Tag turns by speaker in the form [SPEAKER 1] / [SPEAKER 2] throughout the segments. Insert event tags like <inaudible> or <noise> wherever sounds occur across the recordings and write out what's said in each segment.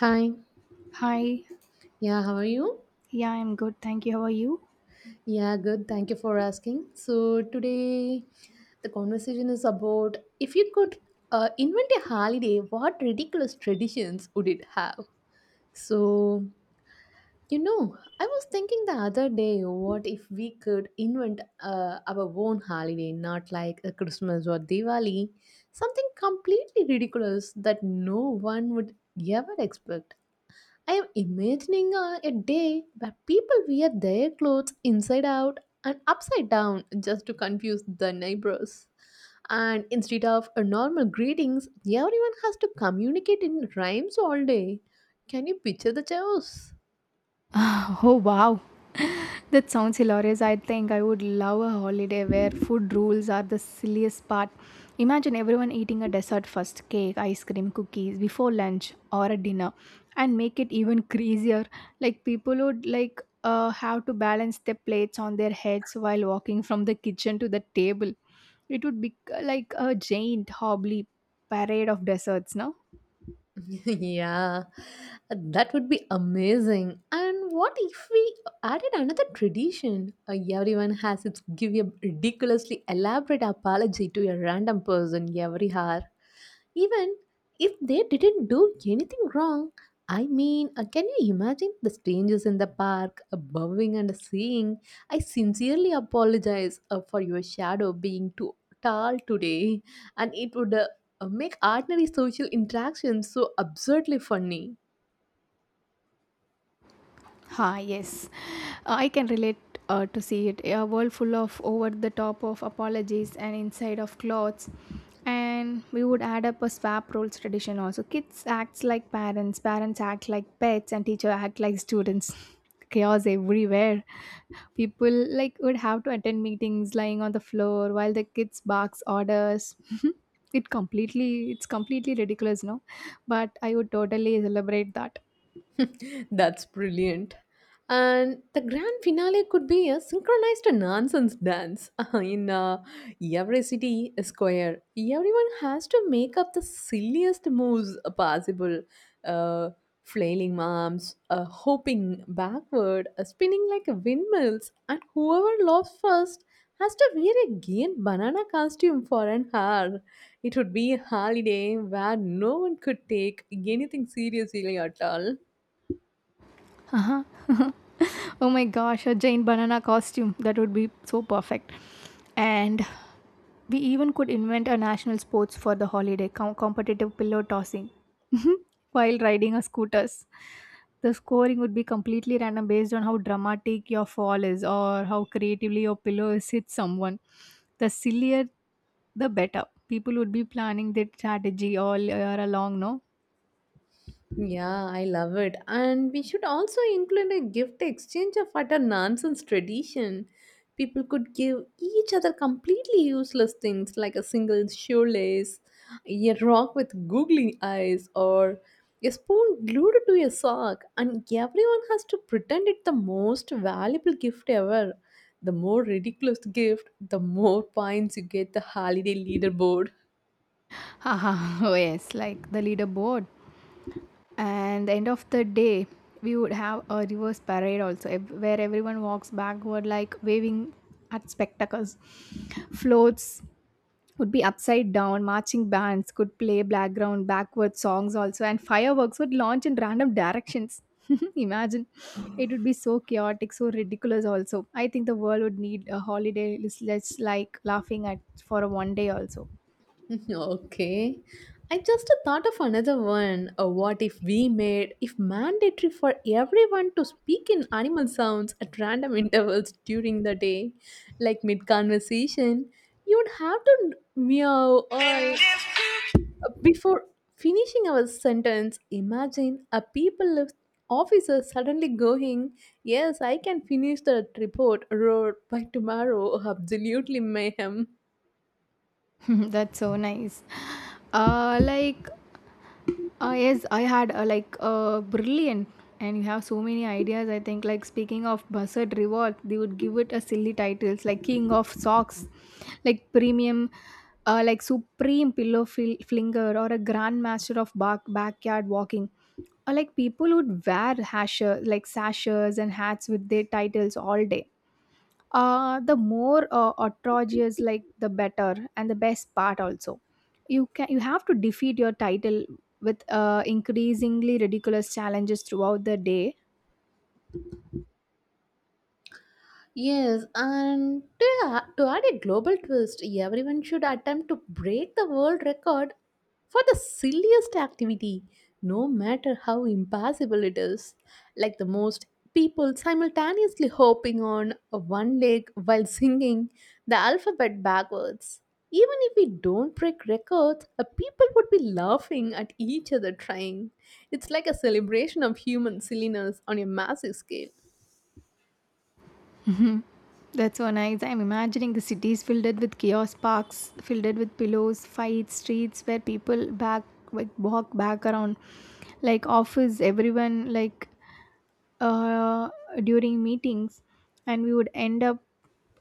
[SPEAKER 1] Hi.
[SPEAKER 2] Hi.
[SPEAKER 1] Yeah, how are you?
[SPEAKER 2] Yeah, I'm good. Thank you. How are you?
[SPEAKER 1] Yeah, good. Thank you for asking. So, today the conversation is about if you could invent a holiday, what ridiculous traditions would it have? So, I was thinking the other day, what if we could invent our own holiday, not like a Christmas or Diwali, something completely ridiculous that no one would ever expect. I am imagining a day where people wear their clothes inside out and upside down just to confuse the neighbors. And instead of a normal greetings, everyone has to communicate in rhymes all day. Can you picture the chaos?
[SPEAKER 2] <laughs> Oh, wow. <laughs> That sounds hilarious. I think I would love a holiday where food rules are the silliest part. Imagine everyone eating a dessert first cake, ice cream, cookies before lunch or a dinner and make it even <laughs> crazier. Like people would have to balance their plates on their heads while walking from the kitchen to the table. It would be like a giant hobbly parade of desserts, no?
[SPEAKER 1] <laughs> Yeah, that would be amazing. And what if we added another tradition? Everyone has its give a ridiculously elaborate apology to a random person every hour, even if they didn't do anything wrong. I mean, can you imagine the strangers in the park bowing and saying, "I sincerely apologize for your shadow being too tall today," and it would make ordinary social interactions so absurdly funny.
[SPEAKER 2] Ha, yes. I can relate to see it. A world full of over the top of apologies and inside of clothes. And we would add up a swap roles tradition also. Kids acts like parents, parents act like pets, and teacher act like students. <laughs> Chaos everywhere. People like would have to attend meetings lying on the floor while the kids barks orders. <laughs> It's completely ridiculous, no? But I would totally celebrate that.
[SPEAKER 1] That's brilliant. And the grand finale could be a synchronized nonsense dance <laughs> in every city square. Everyone has to make up the silliest moves possible. Uh, Flailing arms, hopping backward, spinning like windmills, and whoever laughs first has to wear a gay banana costume for an hour. It would be a holiday where no one could take anything seriously at all.
[SPEAKER 2] Uh-huh. <laughs> Oh my gosh, a giant banana costume. That would be so perfect. And we even could invent a national sports for the holiday, competitive pillow tossing <laughs> while riding a scooters. The scoring would be completely random based on how dramatic your fall is or how creatively your pillow is hit someone. The sillier the better. People would be planning their strategy all year long, no?
[SPEAKER 1] Yeah, I love it. And we should also include a gift exchange of utter nonsense tradition. People could give each other completely useless things like a single shoelace, a rock with googly eyes, or a spoon glued to a sock, and everyone has to pretend it's the most valuable gift ever. The more ridiculous the gift, the more points you get the holiday leaderboard.
[SPEAKER 2] Haha, <laughs> oh yes, like the leaderboard. And the end of the day we would have a reverse parade also where everyone walks backward like waving at spectacles floats would be upside down, marching bands could play background backward songs also, and fireworks would launch in random directions. <laughs> Imagine, it would be so chaotic, so ridiculous also. I think the world would need a holiday less like laughing at for a one day also.
[SPEAKER 1] <laughs> Okay. I just thought of another one. What if we made if mandatory for everyone to speak in animal sounds at random <laughs> intervals during the day, like mid conversation? You'd have to meow or before finishing our sentence. Imagine a people officer suddenly going, "Yes, I can finish the report roar by tomorrow." Absolutely mayhem.
[SPEAKER 2] <laughs> That's so nice. uh like yes, I had brilliant, and you have so many ideas. I think like speaking of Buzzard Revolt, they would give it a silly titles like King of Socks, like Premium, like Supreme Pillow Flinger, or a Grandmaster of Backyard Walking. Or like people would wear hasher like sashes and hats with their titles all day, the more outrageous like the better. And the best part also, you have to defeat your title with increasingly ridiculous challenges throughout the day. <laughs>
[SPEAKER 1] Yes, and to add a global twist, everyone should attempt to break the world record for the silliest activity, no matter how impossible it is. Like the most people simultaneously hopping on a one leg while singing the alphabet backwards. Even if we don't break records, people would be laughing at each other trying. It's like a celebration of human silliness on a massive scale.
[SPEAKER 2] Mhm. That's so nice. I'm imagining the cities filled with chaos parks, filled with pillows, fights, streets where people back like walk back around, like office, everyone like, uh, during meetings. And we would end up,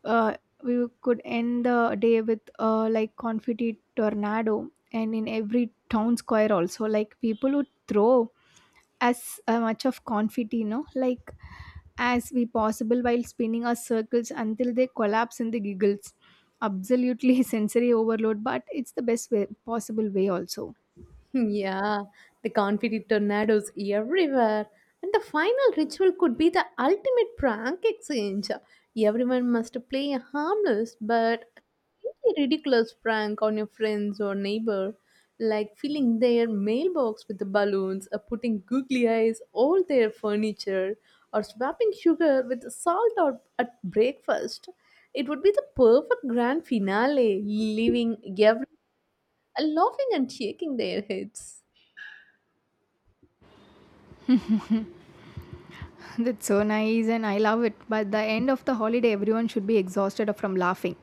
[SPEAKER 2] uh, we could end the day with like confetti tornado and in every town square also, like people would throw as much of confetti, as we possible, while spinning our circles until they collapse in the giggles. Absolutely <laughs> sensory overload, but it's the best way possible way also.
[SPEAKER 1] Yeah, the confetti tornadoes everywhere. And the final ritual could be the ultimate prank exchange. Everyone must play a harmless but completely ridiculous prank on your friends or neighbor, like filling their mailbox with the balloons, or putting googly eyes all their furniture, or swapping sugar with salt or at breakfast. It would be the perfect grand finale, leaving everyone laughing and shaking their heads.
[SPEAKER 2] <laughs> That's so nice and I love it. By the end of the holiday, everyone should be exhausted from laughing.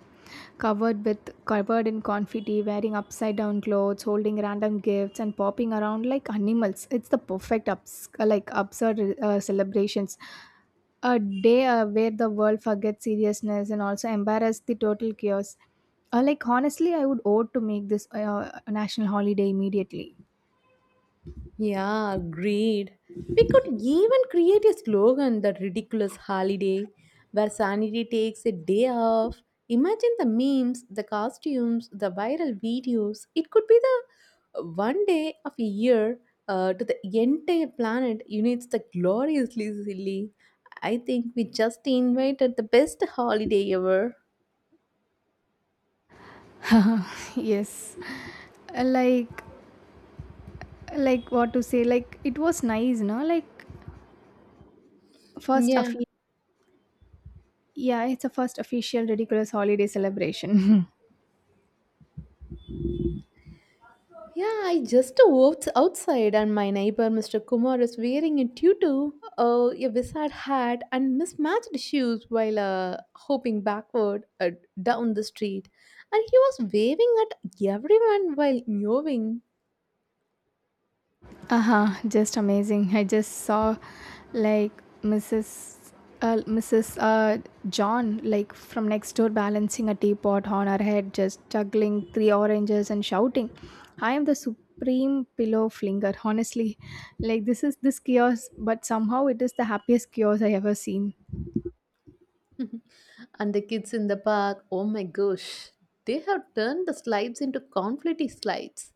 [SPEAKER 2] Covered in confetti, wearing upside down clothes, holding random gifts and popping around like animals. It's the perfect ups, like absurd celebrations. A day where the world forgets seriousness and also embarrass the total chaos. Like honestly, I would owe to make this a national holiday immediately.
[SPEAKER 1] Yeah, agreed. We could even create a slogan that ridiculous holiday where sanity takes a day off. Imagine the memes, the costumes, the viral videos. It could be the one day of a year to the entire planet unites the gloriously silly. I think we just invited the best holiday ever.
[SPEAKER 2] <laughs> Yes. Uh, Like like, what to say, like it was nice, no? Like first
[SPEAKER 1] Yeah.
[SPEAKER 2] offi- yeah, it's a first official ridiculous holiday celebration.
[SPEAKER 1] Yeah, I just walked outside and my neighbor Mr. Kumar is wearing a tutu, a wizard hat and mismatched shoes while hopping backward down the street. And he was waving at everyone while mewing.
[SPEAKER 2] <laughs> Uh-huh, just amazing. I just saw like mrs Mrs. John like from next door balancing a teapot on her head, just juggling three oranges and shouting, "I am the supreme pillow flinger." Honestly, like this chaos, but somehow it is the happiest chaos I ever seen.
[SPEAKER 1] <laughs> And the kids in the park, oh my gosh, they have turned the slides into confetti slides.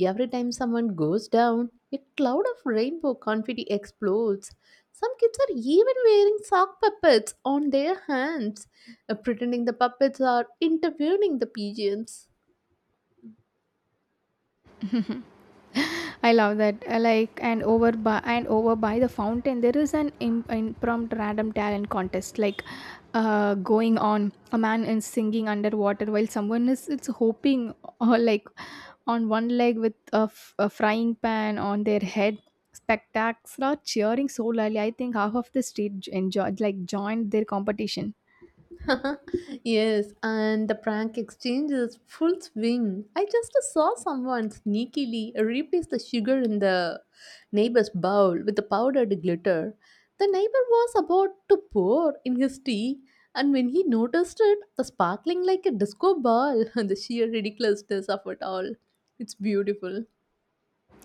[SPEAKER 1] Every time someone goes down, a cloud of rainbow confetti explodes. Some kids are even wearing sock puppets on their hands, pretending the puppets are interviewing the pigeons.
[SPEAKER 2] I love that. I like and over by the fountain, there is an impromptu random talent contest like going on. A man is singing underwater while someone is it's hoping <laughs> or like on one leg with a, a frying pan on their head. Spectacular cheering so loudly. I think half of the street j- enjoyed like joined their competition.
[SPEAKER 1] <laughs> Yes, and the prank exchange is full swing. I just saw someone sneakily replace the sugar in the neighbor's bowl with the powdered glitter. The neighbor was about to pour in his tea, and when he noticed it, the sparkling like a disco ball <laughs> and the sheer ridiculousness of it all. It's beautiful.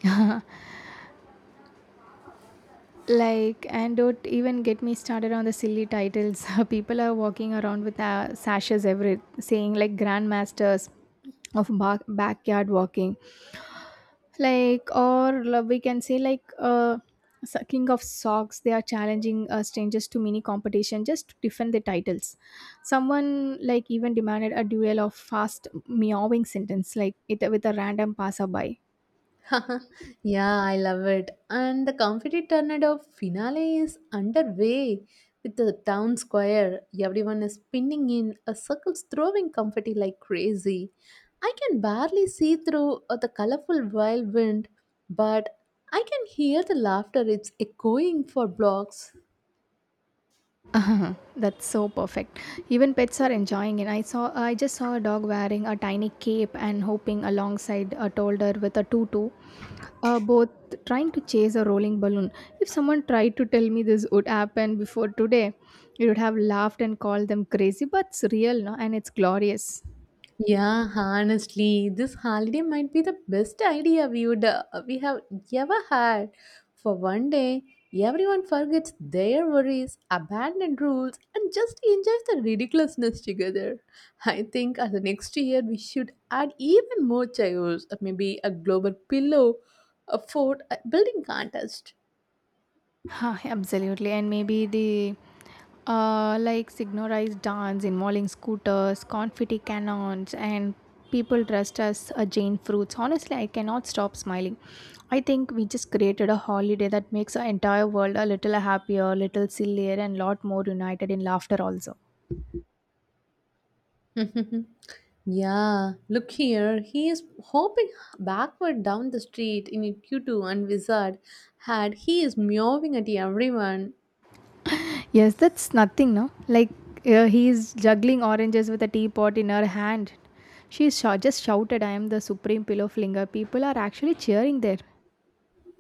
[SPEAKER 2] <laughs> Like, and don't even get me started on the silly titles. <laughs> People are walking around with sashes every saying like grandmasters of backyard walking, like, or we can say like king of socks. They are challenging strangers to mini competition just to defend the titles. Someone like even demanded a duel of fast meowing sentence like it with a random passerby.
[SPEAKER 1] <laughs> Yeah, I love it. And the confetti tornado finale is underway with the town square. Everyone is spinning in a circle, throwing confetti like crazy. I can barely see through the colorful whirlwind, but I can hear the laughter. It's echoing for blocks.
[SPEAKER 2] <laughs> Uh-huh. That's so perfect. Even pets are enjoying it. I just saw a dog wearing a tiny cape and hopping alongside a toddler with a tutu, both trying to chase a rolling balloon. If someone tried to tell me this would happen before today, you would have laughed and called them crazy, but it's real, no? And it's glorious.
[SPEAKER 1] Yeah, honestly, this holiday might be the best idea we have ever had. For one day, everyone forgets their worries, abandon rules, and just enjoys the ridiculousness together. I think as the next year we should add even more chaos, or maybe a global pillow, a fort, a building contest.
[SPEAKER 2] Huh, absolutely. And maybe the like synchronized dance involving scooters, confetti cannons, and people dressed as Jane fruits. Honestly, I cannot stop smiling. I think we just created a holiday that makes our entire world a little happier, a little sillier, and lot more united in laughter also.
[SPEAKER 1] <laughs> Yeah, look here. He is hopping backward down the street in a tutu and wizard hat. He is meowing at everyone.
[SPEAKER 2] Yes, that's nothing, no? Like he's juggling oranges with a teapot in her hand. She just shouted, "I am the supreme pillow flinger." People are actually cheering there.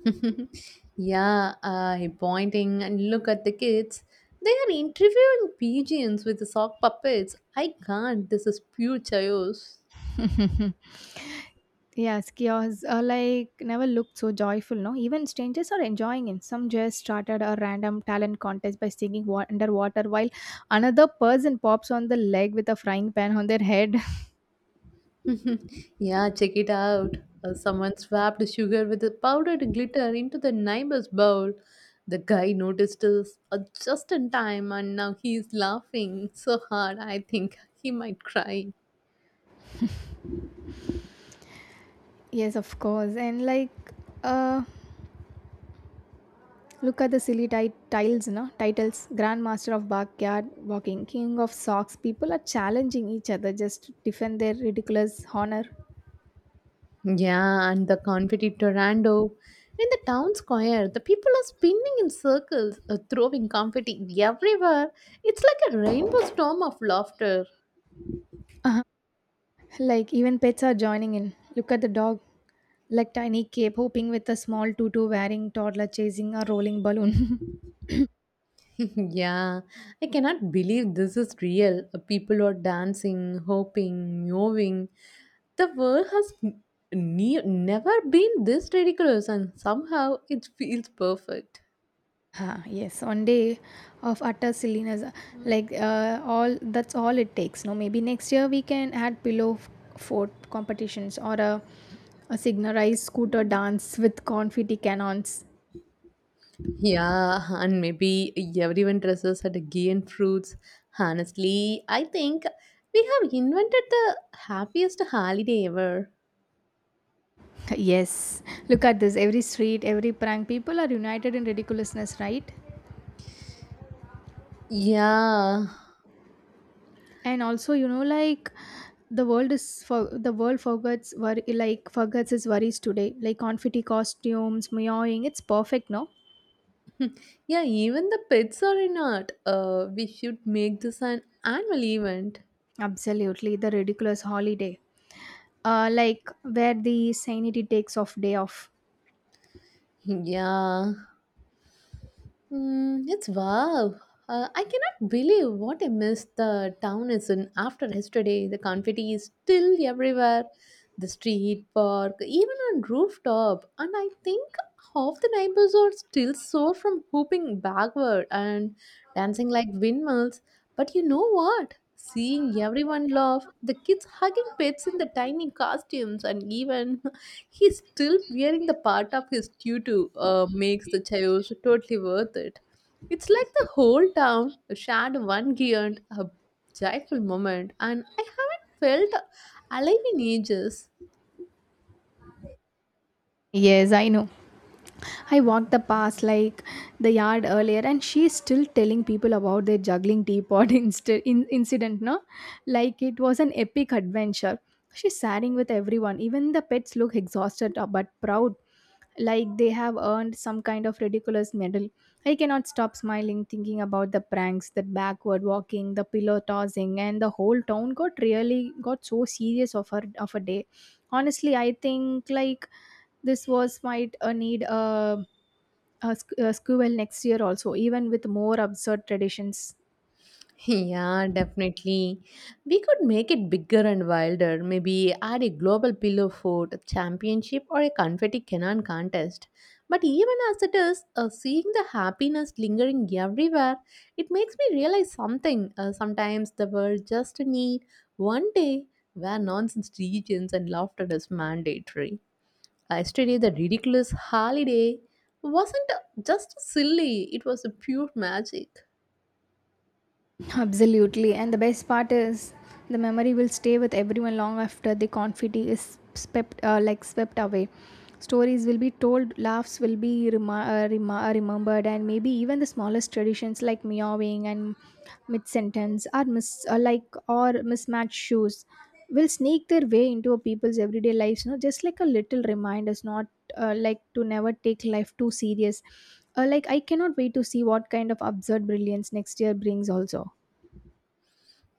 [SPEAKER 1] <laughs> Yeah, he pointing and look at the kids. They are interviewing pigeons with the sock puppets. I can't. This is pure chaos.
[SPEAKER 2] <laughs> Yes, kiosks are like never looked so joyful, no? Even strangers are enjoying it. Some just started a random talent contest by singing underwater while another person pops on the leg with a frying pan on their head.
[SPEAKER 1] <laughs> Yeah, check it out. Someone swapped sugar with a powdered glitter into the neighbor's bowl. The guy noticed us just in time and now he is laughing so hard I think he might cry.
[SPEAKER 2] <laughs> Yes, of course. And like, uh, look at the silly tiles, no? Titles Grandmaster of Backyard Walking, King of Socks. People are challenging each other just to defend their ridiculous honor.
[SPEAKER 1] Yeah, and the confetti tornado. In the town square, the people are spinning in circles, throwing confetti everywhere. It's like a rainbow storm of laughter.
[SPEAKER 2] <laughs> Like, even pets are joining in. Look at the dog. Like tiny cape hopping with a small tutu wearing toddler chasing a rolling balloon. <coughs> <laughs>
[SPEAKER 1] <laughs> Yeah, I cannot believe this is real. People are dancing, hoping, moving. The world has never been this ridiculous, and somehow it feels perfect.
[SPEAKER 2] Ah, yes, one day of utter silliness, like all it takes. No, maybe next year we can add pillow fort competitions or a signalized scooter dance with confetti cannons.
[SPEAKER 1] Yeah, and maybe everyone dresses at again fruits. Honestly, I think we have invented the happiest holiday ever.
[SPEAKER 2] <laughs> Yes, look at this. Every street, every prank, people are united in ridiculousness, right?
[SPEAKER 1] Yeah.
[SPEAKER 2] And also, you know, like the world is forgets forgets its worries today, like confetti costumes meowing, it's perfect, no?
[SPEAKER 1] <laughs> Yeah, even the pets are in art. We should make this an annual event.
[SPEAKER 2] Absolutely, the ridiculous holiday, like where the sanity takes off day off.
[SPEAKER 1] Yeah, it's wow. I cannot believe what a mess the town is in after yesterday. The confetti is still everywhere, the street, park, even on rooftop. And I think half the neighbors are still sore from hooping backward and dancing like windmills. But you know what? Seeing everyone laugh, the kids hugging pets in the tiny costumes, and even he's still wearing the part of his tutu makes the chaos totally worth it. It's like the whole town shared one giant, a joyful moment, and I haven't felt alive in ages.
[SPEAKER 2] Yes, I know, I walked the path like the yard earlier, and she's still telling people about their juggling teapot <laughs> incident, no? Like it was an epic adventure. She's sharing with everyone. Even the pets look exhausted, but proud, like they have earned some kind of ridiculous medal. I cannot stop smiling, thinking about the pranks, that backward walking, the pillow tossing, and the whole town got so serious of her of a day. Honestly, I think like this was might need a, a sequel next year also, even with more absurd traditions.
[SPEAKER 1] Yeah, definitely. We could make it bigger and wilder. Maybe add a global pillow fort championship or a confetti cannon contest. But even as it is, seeing the happiness lingering everywhere, it makes me realize something. Sometimes the world just need one day where nonsense regions and laughter is mandatory. Yesterday, the ridiculous holiday wasn't just silly; it was a pure magic.
[SPEAKER 2] Absolutely. And the best part is the memory will stay with everyone long after the confetti is swept, swept away. Stories will be told, laughs will be remembered, and maybe even the smallest traditions like meowing and mid-sentence or mismatched shoes will sneak their way into a people's everyday lives. You know, just like a little reminders, not to never take life too serious. Like I cannot wait to see what kind of absurd brilliance next year brings. Also.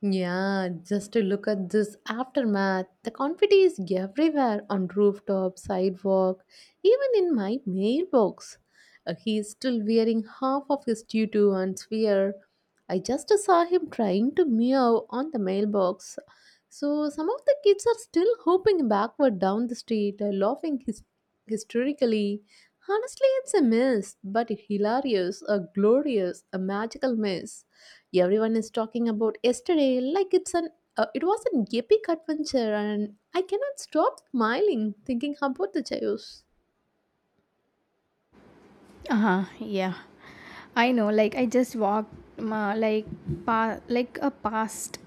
[SPEAKER 1] Yeah, just to look at this aftermath. The confetti is everywhere on rooftop, sidewalk, even in my mailbox. He is still wearing half of his tutu and sphere. I just saw him trying to meow on the mailbox. So some of the kids are still hopping backward down the street, laughing hysterically. Honestly, it's a mess, but hilarious, a glorious, a magical mess. Everyone is talking about yesterday like it was an epic adventure and I cannot stop smiling thinking about the chaos.
[SPEAKER 2] Uh-huh, yeah. I know, like I just walked ma like pa like a past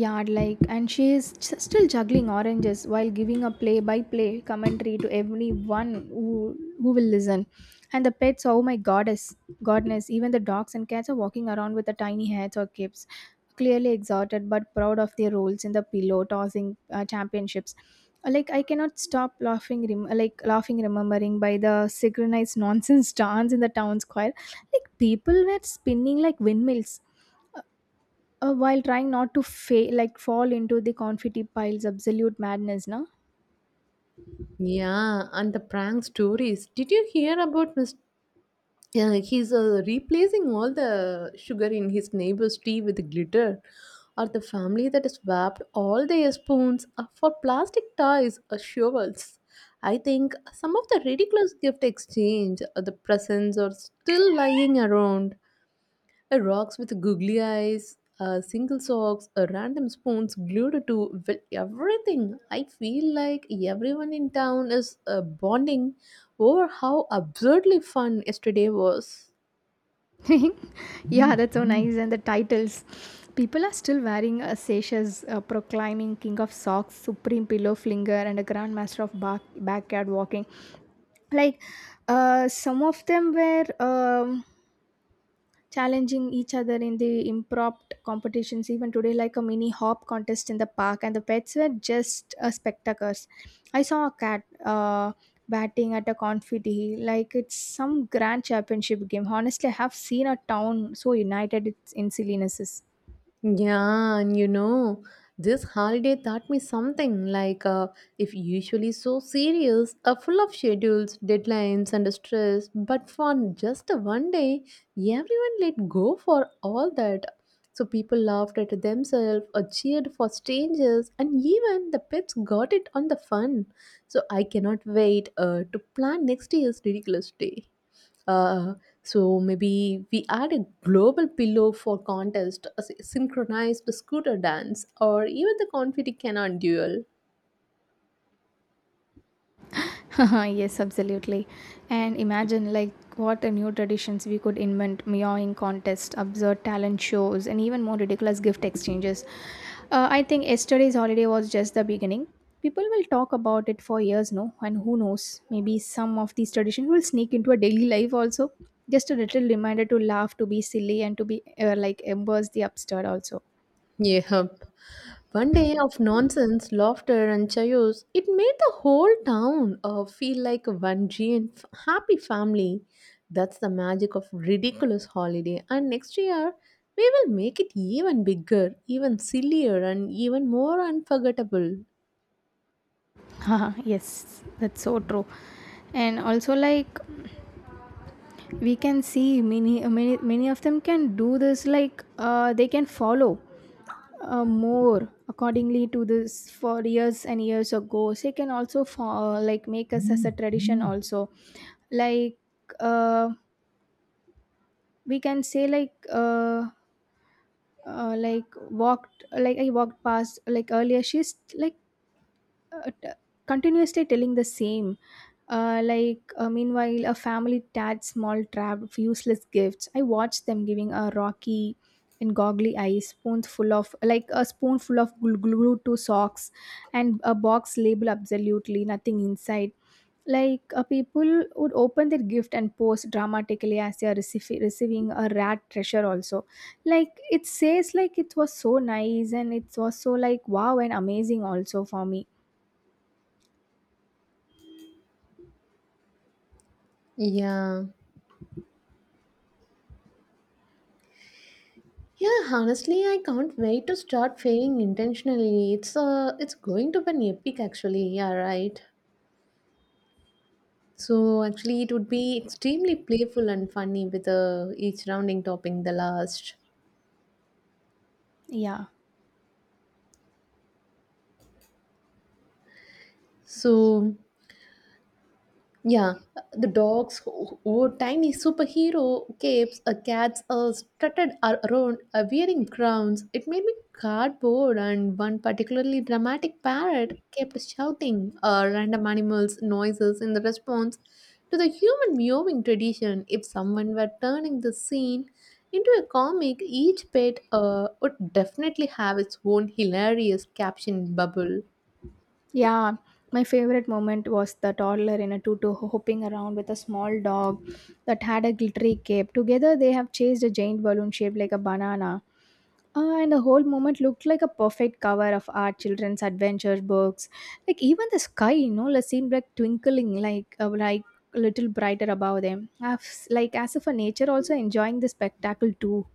[SPEAKER 2] yard, like, and she is still juggling oranges while giving a play by play commentary to everyone who will listen. And the pets, oh my goddess godness even the dogs and cats are walking around with the tiny hats or capes, clearly exhausted but proud of their roles in the pillow tossing championships. Like, I cannot stop laughing, remembering by the synchronized <laughs> nonsense dance in the town square. Like, people were spinning like windmills, while trying not to fa- like fall into the confetti piles. Absolute madness, no?
[SPEAKER 1] Yeah, and the prank stories. Did you hear about Mr.? Yeah, he's replacing all the sugar in his neighbor's tea with glitter, or the family that has swapped all their spoons for plastic toys or shovels. I think some of the ridiculous gift exchange, or the presents, are still lying around. A rocks with googly eyes, single socks, random spoons glued to well, everything. I feel like everyone in town is bonding over how absurdly fun yesterday was.
[SPEAKER 2] <laughs> Yeah, that's so nice. And the titles, people are still wearing a sashes, proclaiming king of socks, supreme pillow flinger, and a grandmaster of backyard walking. Like, some of them were challenging each other in the impromptu competitions even today, like a mini hop contest in the park, and the pets were just spectators. I saw a cat, uh, batting at a confetti like it's some grand championship game. Honestly, I have seen a town so united it's in sillinesses.
[SPEAKER 1] Yeah, and this holiday taught me something like if usually so serious, full of schedules, deadlines, and stress, but for just one day, everyone let go for all that. So people laughed at themselves, or cheered for strangers, and even the pets got it on the fun. So I cannot wait to plan next year's ridiculous day. Uh, so maybe we add a global pillow for contest, a synchronized scooter dance, or even the confetti cannon duel.
[SPEAKER 2] <laughs> Yes, absolutely. And imagine like what a new traditions we could invent, meowing contests, absurd talent shows, and even more ridiculous gift exchanges. I think yesterday's holiday was just the beginning. People will talk about it for years, no? And who knows, maybe some of these traditions will sneak into a daily life also. Just a little reminder to laugh, to be silly, and to be embrace the absurd also.
[SPEAKER 1] Yep. One day of nonsense, laughter, and chaos. It made the whole town feel like one giant happy family. That's the magic of ridiculous holiday. And next year, we will make it even bigger, even sillier, and even more unforgettable.
[SPEAKER 2] <laughs> Haha, yes, that's so true. And also, like, we can see many many many of them can do this, like, they can follow more accordingly to this for years and years ago, so they can also for, like, make us as a tradition also. Like, uh, we can say, like, uh, like walked like I walked past like earlier. She's like, uh, t- continuously telling the same. Meanwhile, a family tad small trap of useless gifts, I watched them giving a rocky and goggly eyes spoons full of like a spoonful of glue, glue to socks, and a box label absolutely nothing inside. Like, people would open their gift and post dramatically as they are receiving a rat treasure also. Like, it says like it was so nice and it was so like wow and amazing also for me.
[SPEAKER 1] Yeah. Yeah, honestly, I can't wait to start failing intentionally. It's going to be an epic, actually. Yeah, right. So actually, it would be extremely playful and funny with each rounding topping the last.
[SPEAKER 2] Yeah,
[SPEAKER 1] So, yeah, the dogs who wore tiny superhero capes, cats strutted around wearing crowns. It made me cardboard, and one particularly dramatic parrot kept shouting random animals' noises in the response to the human mewing tradition. If someone were turning the scene into a comic, each pet would definitely have its own hilarious caption bubble.
[SPEAKER 2] yeah. My favorite moment was the toddler in a tutu hopping around with a small dog that had a glittery cape. Together, they have chased a giant balloon shaped like a banana. And the whole moment looked like a perfect cover of our children's adventure books. Like, even the sky, you know, like, seemed like twinkling, like a little brighter above them. As, like, as if a nature also enjoying the spectacle too.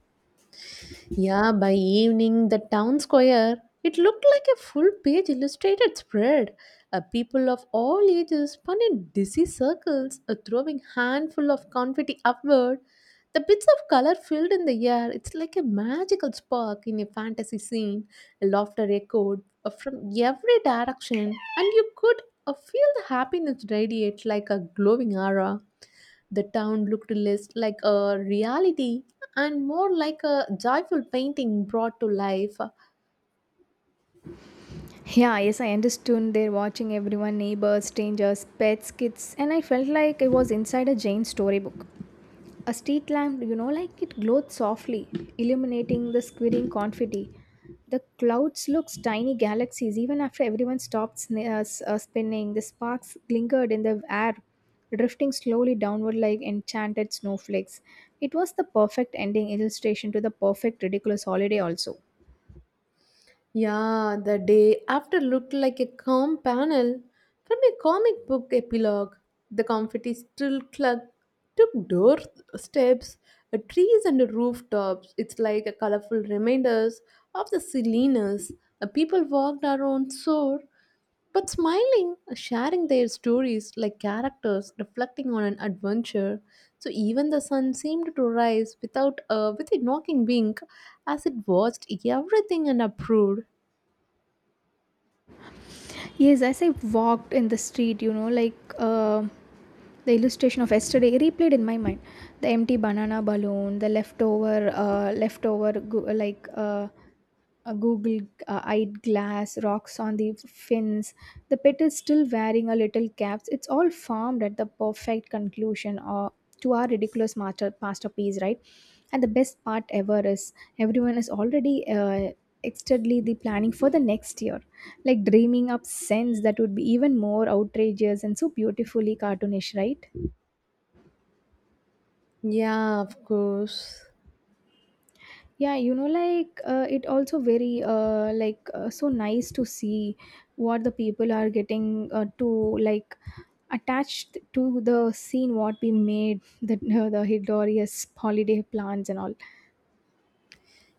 [SPEAKER 1] Yeah, by evening, the town square, it looked like a full page illustrated spread. People of all ages spun in dizzy circles, throwing handful of confetti upward. The bits of color filled in the air, it's like a magical spark in a fantasy scene. Laughter echoed from every direction, and you could feel the happiness radiate like a glowing aura. The town looked less like a reality and more like a joyful painting brought to life.
[SPEAKER 2] Yeah, yes, I understood. They're watching everyone, neighbors, strangers, pets, kids, and I felt like I was inside a Jane storybook. A street lamp, you know, like it glowed softly, illuminating the squirting confetti. The clouds looked tiny galaxies even after everyone stopped spinning. The sparks glingered in the air, drifting slowly downward like enchanted snowflakes. It was the perfect ending illustration to the perfect ridiculous holiday, also.
[SPEAKER 1] Yeah, the day after looked like a calm panel from a comic book epilogue. The confetti still clung to doorsteps, trees, and rooftops. It's like a colorful reminders of the silliness. People walked around sore but smiling, sharing their stories like characters reflecting on an adventure. So even the sun seemed to rise without with a knocking wink as it watched everything and approved.
[SPEAKER 2] Yes, as I walked in the street, you know, the illustration of yesterday replayed in my mind. The empty banana balloon, the leftover, a google eyed glass rocks on the fins, the pet is still wearing a little caps. It's all formed at the perfect conclusion or to our ridiculous master masterpiece, right? And the best part ever is everyone is already excitedly the planning for the next year, like dreaming up scents that would be even more outrageous and so beautifully cartoonish, right?
[SPEAKER 1] Yeah, of course.
[SPEAKER 2] Yeah, you know, it also very, so nice to see what the people are getting to like attached to the scene what we made, the <laughs> the Hidorius holiday plans and all.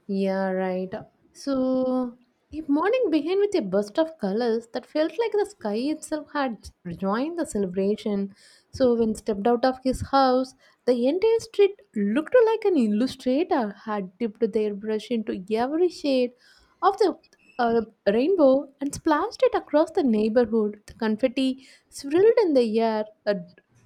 [SPEAKER 1] Yeah, right. So, a morning began with a burst of colors that felt like the sky itself had joined the celebration. So, when stepped out of his house, the entire street looked like an illustrator had dipped their brush into every shade of the uh, rainbow and splashed it across the neighborhood. The confetti swirled in the air,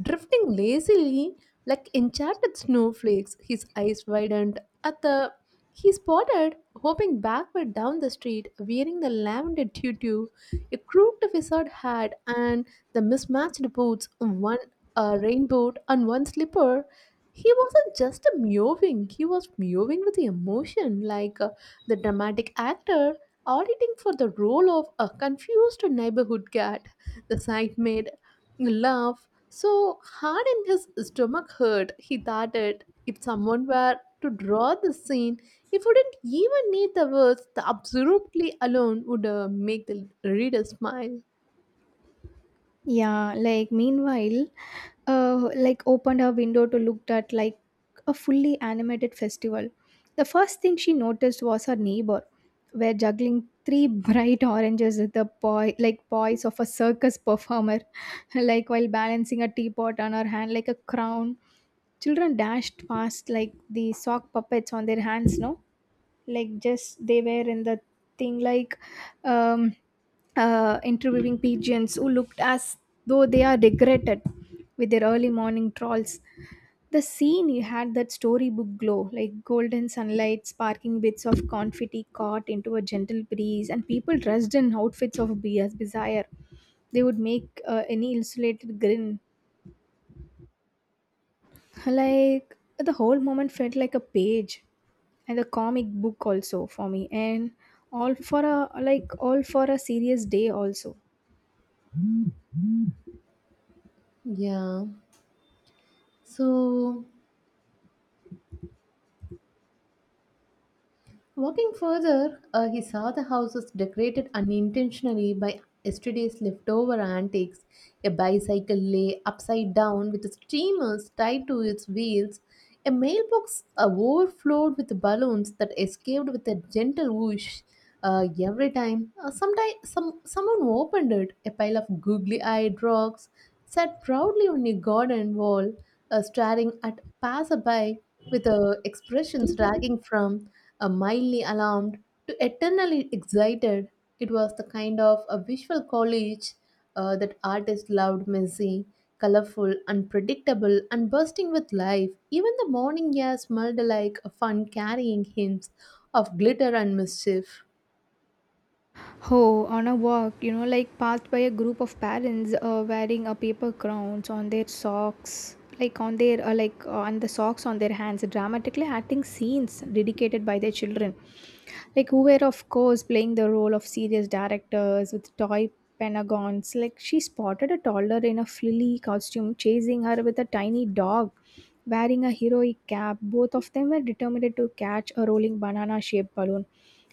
[SPEAKER 1] drifting lazily like enchanted snowflakes. His eyes widened at the he spotted, hopping backward down the street, wearing the lavender tutu, a crooked wizard hat, and the mismatched boots one rain boot and one slipper. He wasn't just mewing, he was mewing with emotion, like the dramatic actor auditing for the role of a confused neighborhood cat. The sight made laugh so hard in his stomach hurt. He thought it if someone were to draw the scene, it wouldn't even need the words, the absolutely alone would make the reader smile.
[SPEAKER 2] Yeah, like meanwhile, opened her window to looked at like a fully animated festival. The first thing she noticed was her neighbor, were juggling three <laughs> bright oranges with the poise of a circus performer, <laughs> like while balancing a teapot on her hand like a crown. Children dashed past like the sock puppets on their hands, no? Like, just they were in the thing, like, um, interviewing pigeons who looked as though they are degraded with their early morning trolls. The scene you had that storybook glow, like golden sunlight, sparking bits of confetti caught into a gentle breeze, and people dressed in outfits of beer's desire. They would make any illustrated grin. Like, the whole moment felt like a page and a comic book also for me, and all for a serious day also.
[SPEAKER 1] Yeah. So walking further, he saw the houses decorated unintentionally by yesterday's leftover antiques. A bicycle lay upside down with streamers tied to its wheels. A mailbox overflowed with balloons that escaped with a gentle whoosh every time. Someone opened it. A pile of googly eyed rocks sat proudly on a garden wall, staring at passerby with expressions dragging from a mildly alarmed to eternally excited. It was the kind of a visual college that artists loved messy, colorful, unpredictable, and bursting with life. Even the morning air smelled like a fun carrying hints of glitter and mischief.
[SPEAKER 2] Oh, on a walk, you know, like, passed by a group of parents wearing a paper crowns on their socks, like on their on the socks on their hands, dramatically acting scenes dedicated by their children, like who were of course playing the role of serious directors with toy penagons. Like, she spotted a toddler in a frilly costume chasing her with a tiny dog. Wearing a heroic cap, both of them were determined to catch a rolling banana shaped balloon.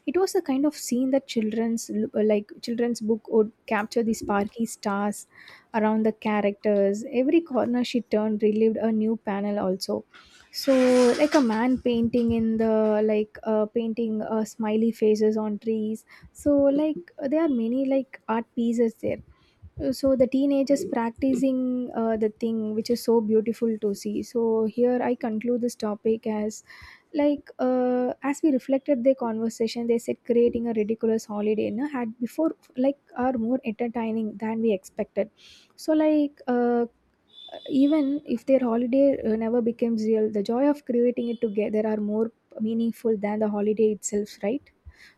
[SPEAKER 2] It was a kind of scene that children's l- like children's book would capture the sparky stars around the characters. Every corner she turned relived a new panel also. So, like a man painting in the painting smiley faces on trees. So, like, there are many like art pieces there, so the teenagers practicing the thing which is so beautiful to see. So here I conclude this topic as, as we reflected their conversation, they said creating a ridiculous holiday, no, had before, like, are more entertaining than we expected. So, even if their holiday never becomes real, the joy of creating it together are more meaningful than the holiday itself, right?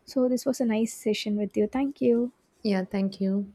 [SPEAKER 2] So this was a nice session with you, thank you.
[SPEAKER 1] Yeah, thank you.